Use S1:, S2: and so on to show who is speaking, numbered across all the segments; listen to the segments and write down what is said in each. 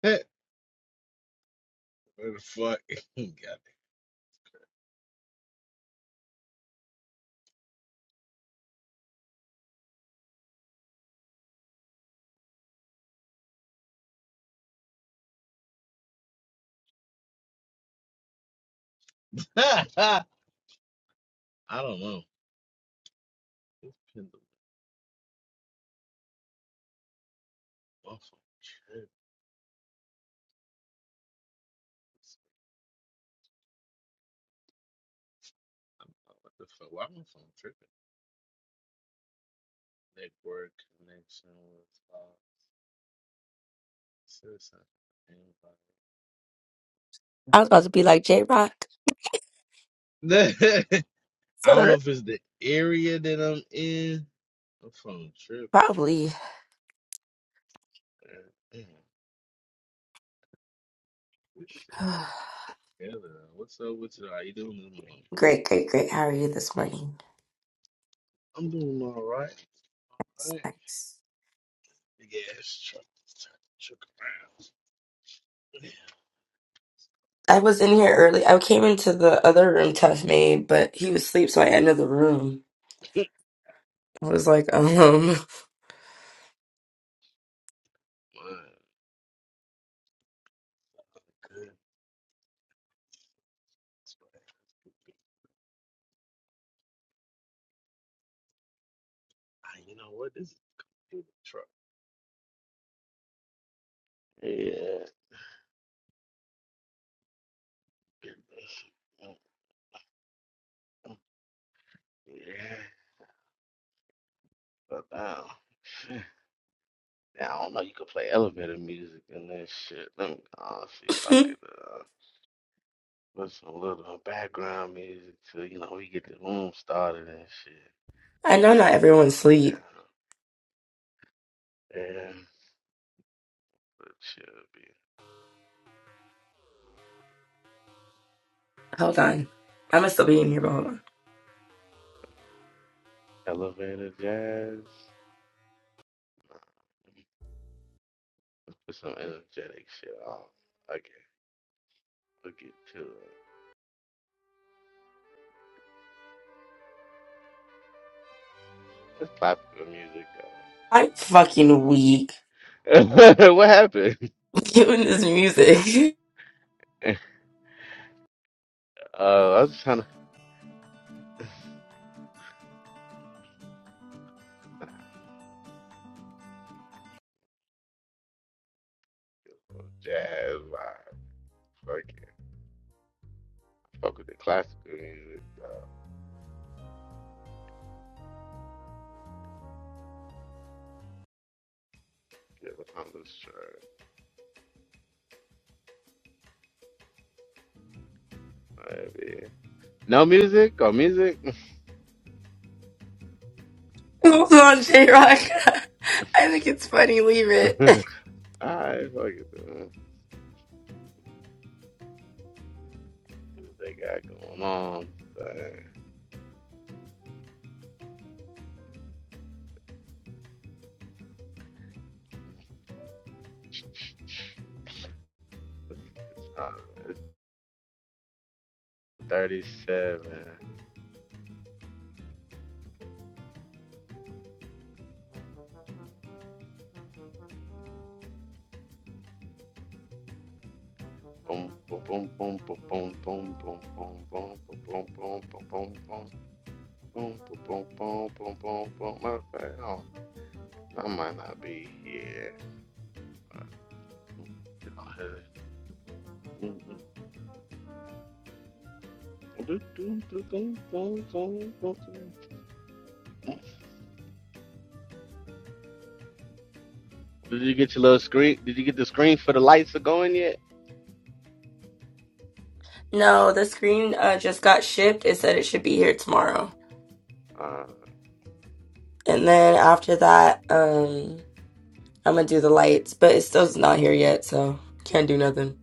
S1: Where the fuck he got? it? I don't know. This pin the my phone tripping. I don't know what the fuck. Why my phone tripping? Network connection with uh, citizen.
S2: I was about to be like J Rock.
S1: Anybody? Fuck. I don't know
S2: Sir.
S1: if it's the area that I'm in. My phone tripping.
S2: Probably.
S1: man. Damn, this shit together. What's up with you? How you doing this morning?
S2: great, great, great. How are you this morning?
S1: I'm doing all right.
S2: Nice,
S1: All right.
S2: nice.
S1: Big ass truck. Truck around.
S2: I was in here early. I came into the other room, Tough Made, but he was asleep, so I ended the room. I was like, um,
S1: Wow, good. Ah, You know what? This is a good truck. Yeah. Yeah, but now, now I don't know. You could play elevator music and that shit. Let me uh, see if I could uh, listen a little background music to you know we get the room started and shit.
S2: I know not
S1: And
S2: everyone's
S1: uh,
S2: asleep.
S1: yeah, yeah, but should be
S2: Hold on.
S1: uh,
S2: I must still be in here, but hold on.
S1: elevator jazz. Put some energetic shit on. Okay, we'll get to it. It's popular music.
S2: I'm fucking weak.
S1: though. what happened?
S2: doing this music.
S1: Uh, I was just trying to fuck with jazz vibe. Fuck it. Fuck with the classical music. Though. Yeah, what I'm just trying. Alright, yeah. No music or music?
S2: Hold on, J Rock. I think it's funny. Leave it.
S1: Alright, fuck it. Then. See What they got going on? Uh, it's 37. Boom, boom, boom, boom, boom, boom, boom, boom, boom, boom, boom, boom, boom, boom, boom, boom, boom, boom, boom, boom, boom, boom, boom. I might not be here. Did you get your little screen? Did you get the screen for the lights are going yet?
S2: No, the screen uh, just got shipped. It said it should be here tomorrow.
S1: Uh,
S2: And then after that, um, I'm gonna do the lights, but it still's not here yet, so can't do nothing.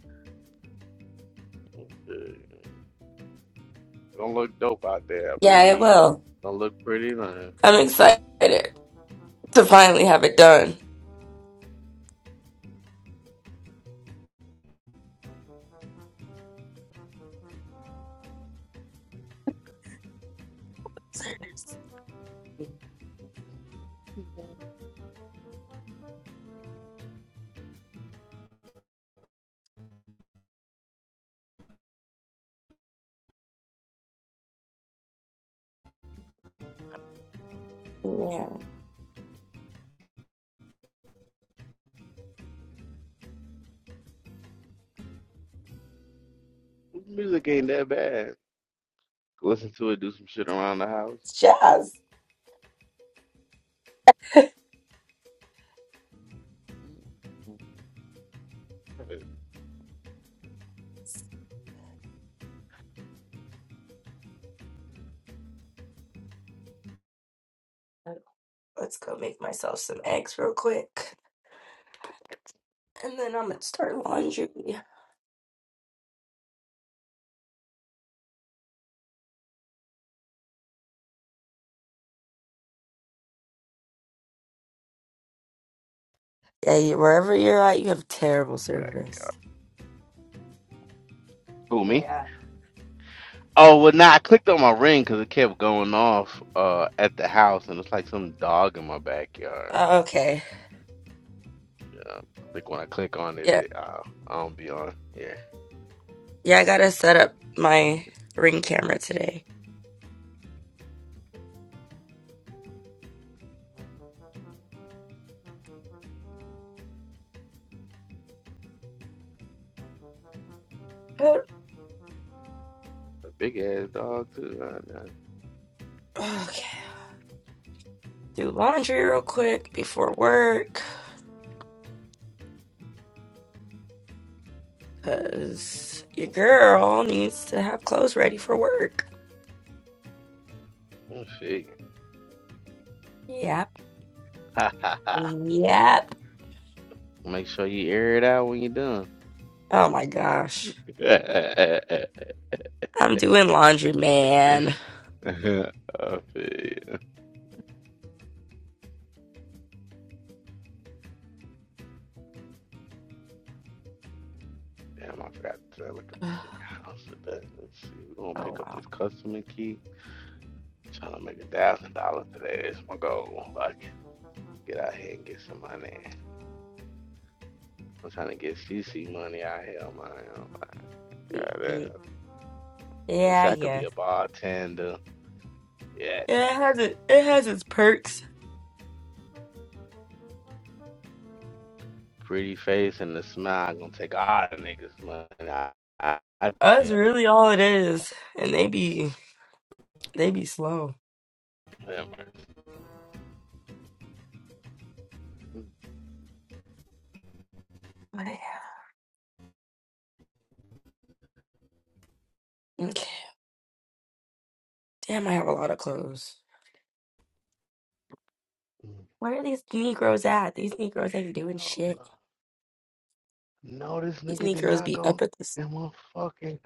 S1: don't look dope out there, I
S2: Yeah, it
S1: believe.
S2: will.
S1: Don't look pretty, man.
S2: I'm excited to finally have it done. Yeah,
S1: Music ain't that bad. Listen to it, do some shit around the house.
S2: it's jazz. Let's go make myself some eggs real quick, and then I'm gonna start laundry. Yeah, you- wherever you're at, you have terrible
S1: Like,
S2: service.
S1: Who, me?
S2: Yeah.
S1: Oh, well, nah, I clicked on my ring because it kept going off uh, at the house, and it's like some dog in my backyard.
S2: Oh, okay.
S1: Um, like when I click on it,
S2: Yeah.
S1: it uh, I don't be on. Yeah,
S2: Yeah, I gotta set up my ring camera today. But,
S1: a big ass dog too.
S2: okay. Do laundry real quick before work, cause your girl needs to have clothes ready for work.
S1: Right shit.
S2: Yep.
S1: Ha ha ha.
S2: Yep.
S1: Make sure you air it out when you're done.
S2: Oh my gosh.
S1: I
S2: I'm doing laundry, man.
S1: feel- Damn, I forgot to look at this house. Let's see. We're gonna
S2: Oh
S1: pick up
S2: wow.
S1: this customer key. I'm trying to make a thousand dollars today. That's my goal. Like, get out here and get some money. I'm trying to get CC money out here, man. Oh my god,
S2: Mm-mm. Yeah,
S1: Wish
S2: I
S1: I could be
S2: guess.
S1: a bartender. Yeah.
S2: Yeah, it has it it has its perks.
S1: pretty face and the smile gonna take all the niggas money. I, I, I
S2: That's
S1: tell him,
S2: really all it is. And they be they be slow.
S1: hell
S2: But yeah. Damn, I have a lot of clothes. Where are these Negroes at? These Negroes ain't doing shit.
S1: no. No, this
S2: These
S1: nigga did
S2: Negroes
S1: not
S2: be up
S1: go
S2: at this.
S1: in one fucking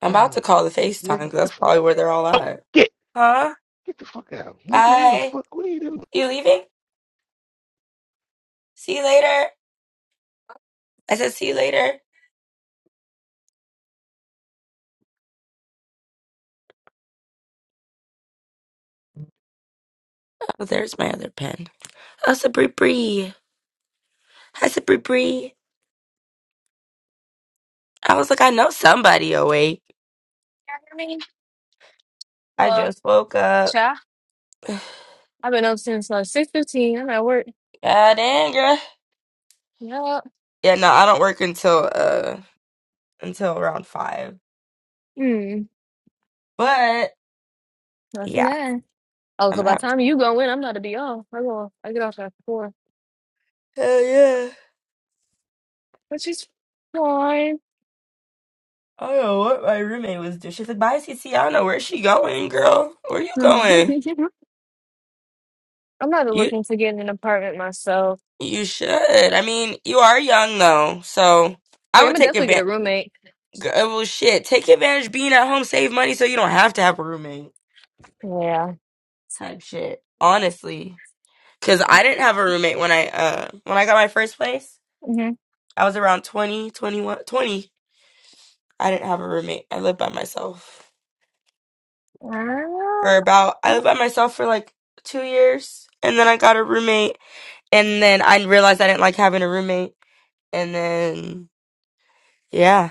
S2: I'm about to
S1: house.
S2: call the FaceTime
S1: Nigga,
S2: because
S1: get the
S2: that's
S1: fuck
S2: probably
S1: out.
S2: where they're all at.
S1: Get,
S2: Huh?
S1: get the fuck out. Nigga, how the
S2: Bye.
S1: fuck, what are you doing?
S2: You leaving? See you later. I said, see you later. Oh, there's my other pen. How's the Bree Bree? How's the Bree Bree? I was like, I know somebody awake.
S3: hear me?
S2: I
S3: Hello.
S2: just woke up.
S3: Yeah.
S2: God
S3: I've been up since like six fifteen. I'm at work.
S2: dang, girl.
S3: Yup.
S2: Yeah, no, I don't work until uh until around five.
S3: Hmm.
S2: But
S3: Nothing
S2: yeah,
S3: that. Oh,
S2: I'm
S3: so
S2: gonna
S3: by the
S2: have to.
S3: time you go in, I'm not to be off. I go. I get off at four,
S2: Hell yeah.
S3: which is fine.
S2: I don't know what my roommate was doing. She's like, "Bye, CC. I don't know where she going, girl. Where you
S3: I'm
S2: going?
S3: not
S2: You
S3: looking to get an apartment myself.
S2: you should. I mean, you are young though, so
S3: Oh,
S2: I
S3: yeah, I'm
S2: would
S3: gonna
S2: take
S3: definitely get a
S2: advantage.
S3: roommate.
S2: Well, shit, take advantage being at home, save money, so you don't have to have a roommate.
S3: Yeah.
S2: Type shit, honestly. Cause I didn't have a roommate when I uh when I got my first place.
S3: hmm
S2: I was around 20, 21, 20. I didn't have a roommate. I lived by myself for about.
S3: Ah.
S2: I
S3: Ooh.
S2: lived by myself for like two years, and then I got a roommate And then I realized I didn't like having a roommate. And then, yeah.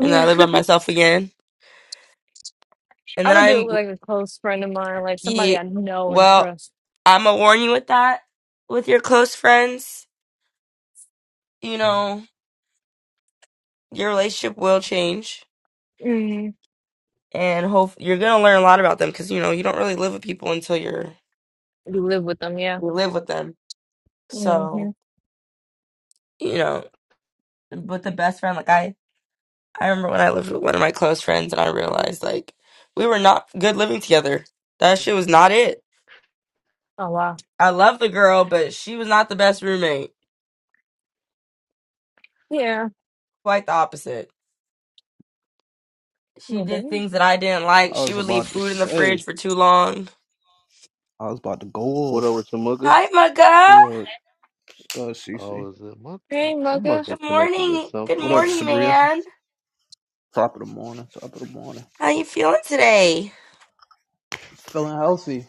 S2: And then I live by myself again. And
S3: I
S2: then
S3: would do it with
S2: I'm,
S3: like a close friend of mine, like
S2: yeah,
S3: somebody I know and
S2: well,
S3: trust.
S2: I'm going to warn you with that. With your close friends, you know, your relationship will change.
S3: hmm
S2: And hope you're going to learn a lot about them because, you know, you don't really live with people until you're,
S3: You live with them, yeah.
S2: you live with them.
S3: hmm
S2: So, you know, with the best friend, like I, I remember when I lived with one of my close friends and I realized like we were not good living together. That shit was not it
S3: Oh wow.
S2: I love the girl, but she was not the best roommate.
S3: Yeah.
S2: Quite the opposite.
S3: A
S2: She
S3: little
S2: did
S3: bit.
S2: things that I didn't like.
S4: I
S2: She
S4: was
S2: would leave
S4: about to
S2: food in the fridge
S4: say,
S2: for too long.
S4: I was about to go
S1: What over
S4: off.
S1: to Mugga?
S2: Hi,
S4: It's the
S2: Mugga.
S4: word, it's
S1: Oh,
S4: CC.
S1: is it Mugga?
S3: Dang,
S1: I must
S3: Bugger,
S1: be
S2: Good
S1: connected with
S2: morning. Good
S4: What
S1: something.
S4: up,
S1: Or...
S2: morning,
S4: Sabria?
S2: man.
S4: Top of the morning, top of the morning.
S2: How you feeling today?
S4: Feeling healthy,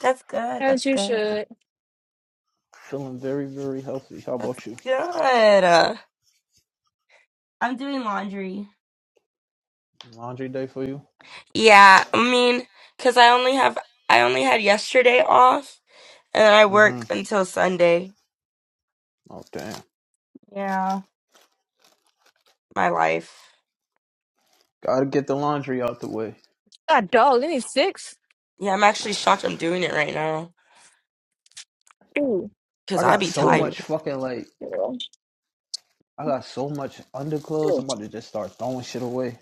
S2: That's good.
S3: as
S2: That's
S3: you
S2: good.
S3: should.
S4: feeling very, very healthy. How
S2: That's
S4: about you?
S2: good. Uh, I'm doing laundry.
S4: Laundry day for you?
S2: Yeah, I mean, cause I only have I only had yesterday off, and then I
S4: Mm-hmm.
S2: work until Sunday.
S4: Oh damn.
S2: Yeah, my life.
S4: Gotta get the laundry out the way.
S3: God, dog, they need six?
S2: Yeah, I'm actually shocked I'm doing it right now,
S3: Ooh,
S2: cause
S4: I
S2: I
S4: got
S2: be
S4: so
S3: ooh,
S2: tired.
S4: much fucking like,
S3: girl.
S4: I got so much underclothes.
S3: Ooh.
S4: I'm about to just start throwing shit away.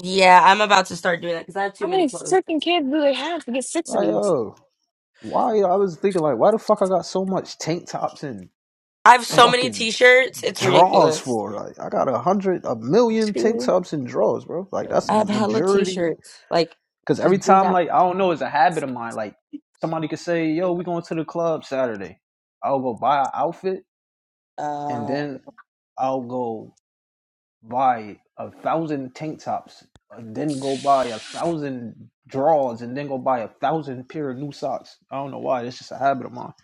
S2: Yeah, I'm about to start doing that because I have too
S3: How
S2: many
S3: many
S2: clothes.
S3: freaking kids do they have to get six of
S4: Like,
S3: these?
S4: oh, why? I was thinking like, why the fuck I got so much tank tops and
S2: I have so many
S4: fucking
S2: t-shirts. It's
S4: drawers
S2: ridiculous.
S4: for? Like, I got a hundred, a million tank
S3: Two.
S4: tops and drawers, bro. Like, that's
S2: I
S4: a
S3: um,
S2: have hella
S4: majority.
S2: t-shirts. Like,
S4: Because every
S2: just do
S4: time,
S2: that.
S4: like, I don't know, it's a habit of mine. Like, somebody could say, "Yo, we going to the club Saturday." I'll go buy an outfit, and
S2: Uh,
S4: then I'll go buy a thousand tank tops, and then go buy a thousand drawers, and then go buy a thousand pair of new socks. I don't know why. It's just a habit of mine.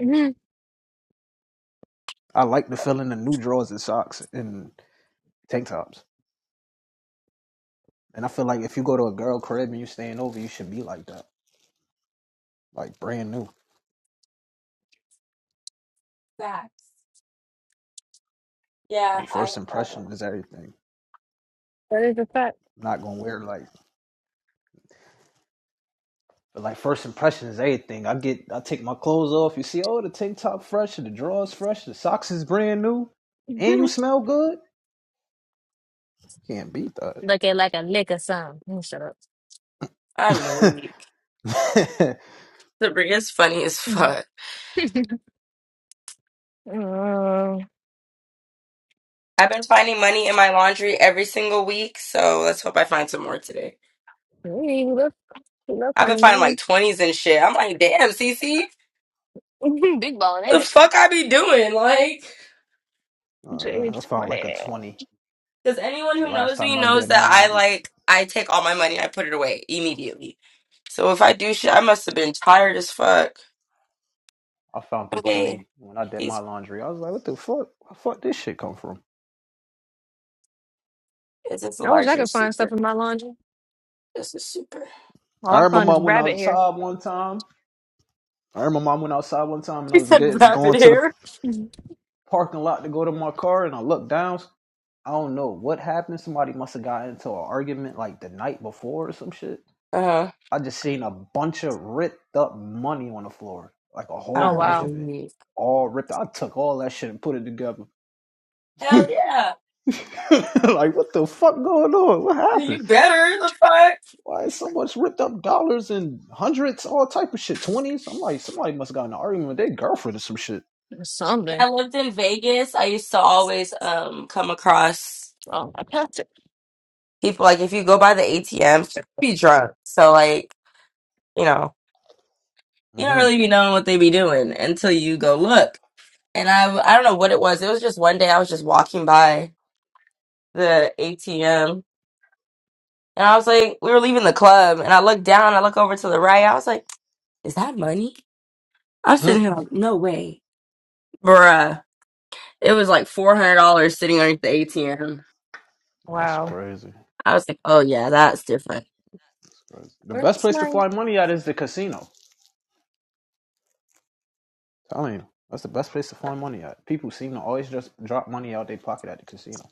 S3: mhm,
S4: I like the feeling of new drawers and socks and tank tops. And I feel like if you go to a girl crib and you staying over, you should be like that, like brand new.
S2: yeah,
S4: Um,
S2: I,
S4: first
S2: uh,
S4: impression is everything.
S3: That is a fact.
S4: I'm not gonna wear like, but like first impression is everything. I get, I take my clothes off. You see, oh, the tank top fresh, the drawers fresh, the socks is brand new, and you
S3: Mhm.
S4: smell good. Can't beat
S3: Looking like a lick or something. Mm, Shut up.
S2: I'm
S4: that.
S2: weak. Sabrina's funny as
S3: Mhm.
S2: fuck.
S3: Uh,
S2: I've been finding money in my laundry every single week, so let's hope I find some more today.
S3: hey, we love, we love
S2: I've been
S3: finding
S2: finding like
S3: money.
S2: 20s and shit. I'm like, damn, Cece,
S3: Big ballin', ain't
S2: the
S3: it?
S2: fuck I be doing? Like,
S4: Uh, I
S3: It's
S4: found like a
S3: funny.
S4: twenty
S2: Because anyone
S4: the
S2: who
S4: last
S2: knows
S4: time
S2: me
S4: I
S2: knows
S4: did my
S2: that I
S4: laundry.
S2: like I take all my money and I put it away immediately. So if I do shit, I must have been tired as fuck.
S4: I found the
S2: Okay,
S4: twenty when I did my
S2: these
S4: laundry. I was like, what the fuck? Where the fuck this shit come from?
S2: is this
S3: I wish I
S2: larger
S3: could find stuff
S2: super?
S3: in my laundry.
S2: This is super.
S3: All
S4: I
S3: I find
S4: remember I
S3: is
S4: went
S3: rabbit hair.
S4: outside one time I remember I went outside one time and
S2: She
S4: I was
S2: said
S4: getting
S2: rapid
S4: going to the
S2: hair.
S3: Mhm.
S4: parking lot to go to my car and I looked down. I don't know what happened. Somebody must have got into an argument like the night before or some shit.
S2: Uh,
S4: I just seen a bunch of ripped up money on the floor, like a whole
S3: Oh,
S2: I'm
S4: bunch
S3: wow.
S4: of it,
S2: weak.
S4: all ripped. I took all that shit and put it together.
S2: Hell yeah,
S4: like what the fuck going on? What happened?
S2: you better the fuck.
S4: Why is so much ripped up dollars and hundreds, all type of shit, twenties? I'm like somebody must have got in an argument with their girlfriend or some shit.
S2: When
S3: Something.
S2: I lived in Vegas. I used to always um come across
S3: Oh, I passed it.
S2: people like if you go by the ATM, be drunk. So like you know you don't
S4: hmm
S2: really be knowing what they be doing until you go look. and I—I w- I don't know what it was. It was just one day I was just walking by the ATM and I was like, we were leaving the club and I looked down, I look over to the right, I was like, is that money? I'm sitting here like, no way. Bruh. It was like four hundred dollars sitting underneath the ATM.
S4: That's
S3: Wow.
S4: crazy.
S2: I was like, oh yeah, that's different.
S4: The
S2: Where
S4: best
S2: was
S4: place to
S2: my
S4: find money at is the casino. I'm Telling you, that's the best place to find money at. People seem to always just drop money out their pocket at the casino.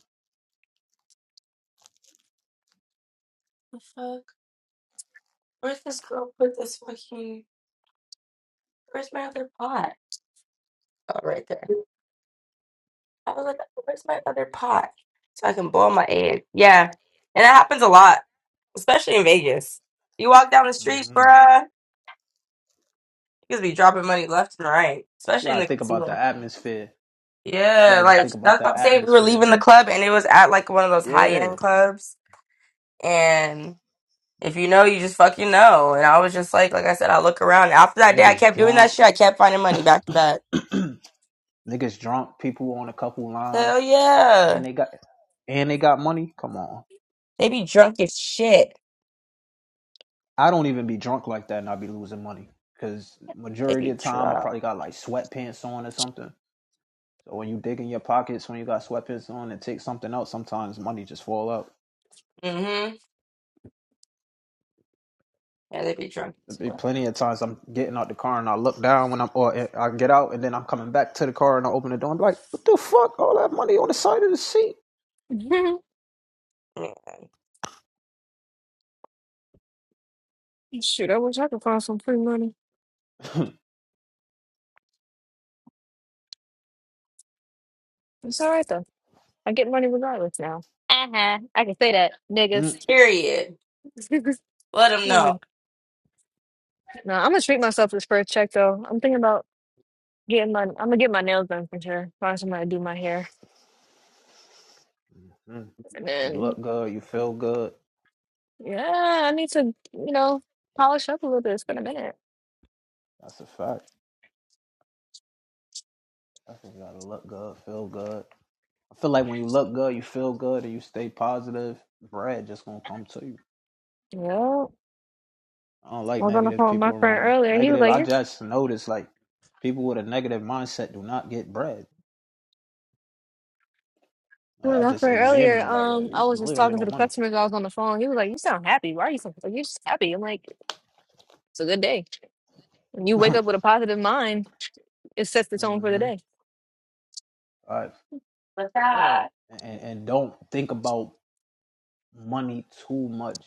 S2: the fuck? Where's this girl put this fucking where's my other pot? Oh right there. I was like, where's my other pot? So I can boil my egg. Yeah. And it happens a lot. especially in Vegas. You walk down the street,
S4: hmm
S2: bruh, you could be dropping money left and right,
S4: You
S2: especially in
S4: gotta
S2: the
S4: think about the
S2: casino.
S4: atmosphere. You
S2: Yeah,
S4: gotta
S2: like
S4: just think about
S2: that's what
S4: the
S2: I'm saying. We were
S4: atmosphere.
S2: leaving the club and it was at like one of those high
S4: Yeah,
S2: end clubs. And if you know, you just fucking know. And I was just like, like I said, I look around. After that day, I
S4: niggas
S2: kept doing that
S4: drunk,
S2: shit. I kept finding money back to back.
S4: niggas drunk. People on a couple lines,
S2: Hell yeah.
S4: and they got and they got money. Come on,
S2: They be drunk as shit.
S4: I don't even be drunk like that, and I be losing money because
S2: They
S4: majority
S2: be
S4: of the time I
S2: drunk.
S4: probably got like sweatpants on or something. So when you dig in your pockets, when you got sweatpants on and take something out, sometimes money just fall out.
S2: Mm hmm. Yeah, they be drunk.
S4: plenty of times I'm getting out the car and I look down when I'm, or I get out and then I'm coming back to the car and I open the door and be like, what the fuck? All that money on the side of the seat.
S3: Shoot, I wish I could find some free money. It's all right though. I get money regardless now. Uh-huh. I can say that, niggas.
S4: Mm,
S2: Period. Let them
S3: no,
S2: know.
S3: I'm gonna treat myself this first check though. I'm thinking about getting my I'm gonna get my nails done for sure. Find somebody to do my hair.
S4: mm.
S3: And
S4: you
S3: then
S4: look good, you feel good.
S3: yeah, I need to, you know, polish up a little bit. It's been a minute.
S4: That's a fact. I think you gotta look good, feel good. I feel like when you look good, you feel good, and you stay positive. Bread just gonna come to you.
S3: Yeah.
S4: I don't
S3: I
S4: like
S3: was on the
S4: negative
S3: phone with my
S4: people
S3: friend
S4: around me.
S3: earlier. He was
S4: Negative,
S3: like,
S4: I
S3: You're
S4: just notice like people with a negative mindset do not get bread. Like,
S3: with
S4: I
S3: my
S4: just
S3: friend
S4: examine
S3: earlier.
S4: them like, "Yo,
S3: Um, I
S4: you
S3: was just
S4: really don't get
S3: talking to
S4: no
S3: the
S4: money.
S3: customers I was on the phone. He was like, You sound happy. Why are you so like you're just happy? I'm like, it's a good day. When you wake up with a positive mind, it sets the tone for the
S4: hmm
S3: day.
S4: right.
S2: But that,
S3: Um,
S4: and, and don't think about money too much.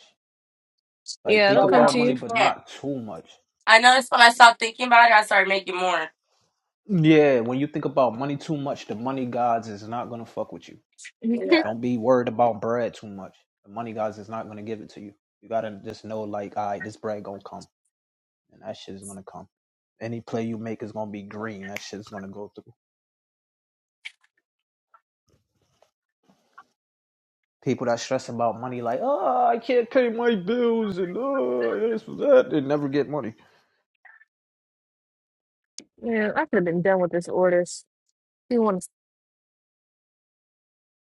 S4: Like,
S3: yeah,
S2: I
S4: think
S3: it'll
S2: don't
S3: come
S4: about
S3: to
S2: know.
S3: you.
S2: We
S4: money, but
S2: can't.
S4: not too much.
S2: I noticed when I stopped thinking about it, I started making more.
S4: Yeah, when you think about money too much, the money gods is not going to fuck with you.
S2: Yeah.
S3: yeah,
S4: Don't be worried about bread too much. The money gods is not going to give it to you. You got to just know, like, all right, this bread going to come, and that shit is going to come Any play you make is gonna be green. That shit's gonna go through. People that stress about money, like, oh, I can't pay my bills and oh, this was that, they never get money.
S3: I could have been done with this orders. You want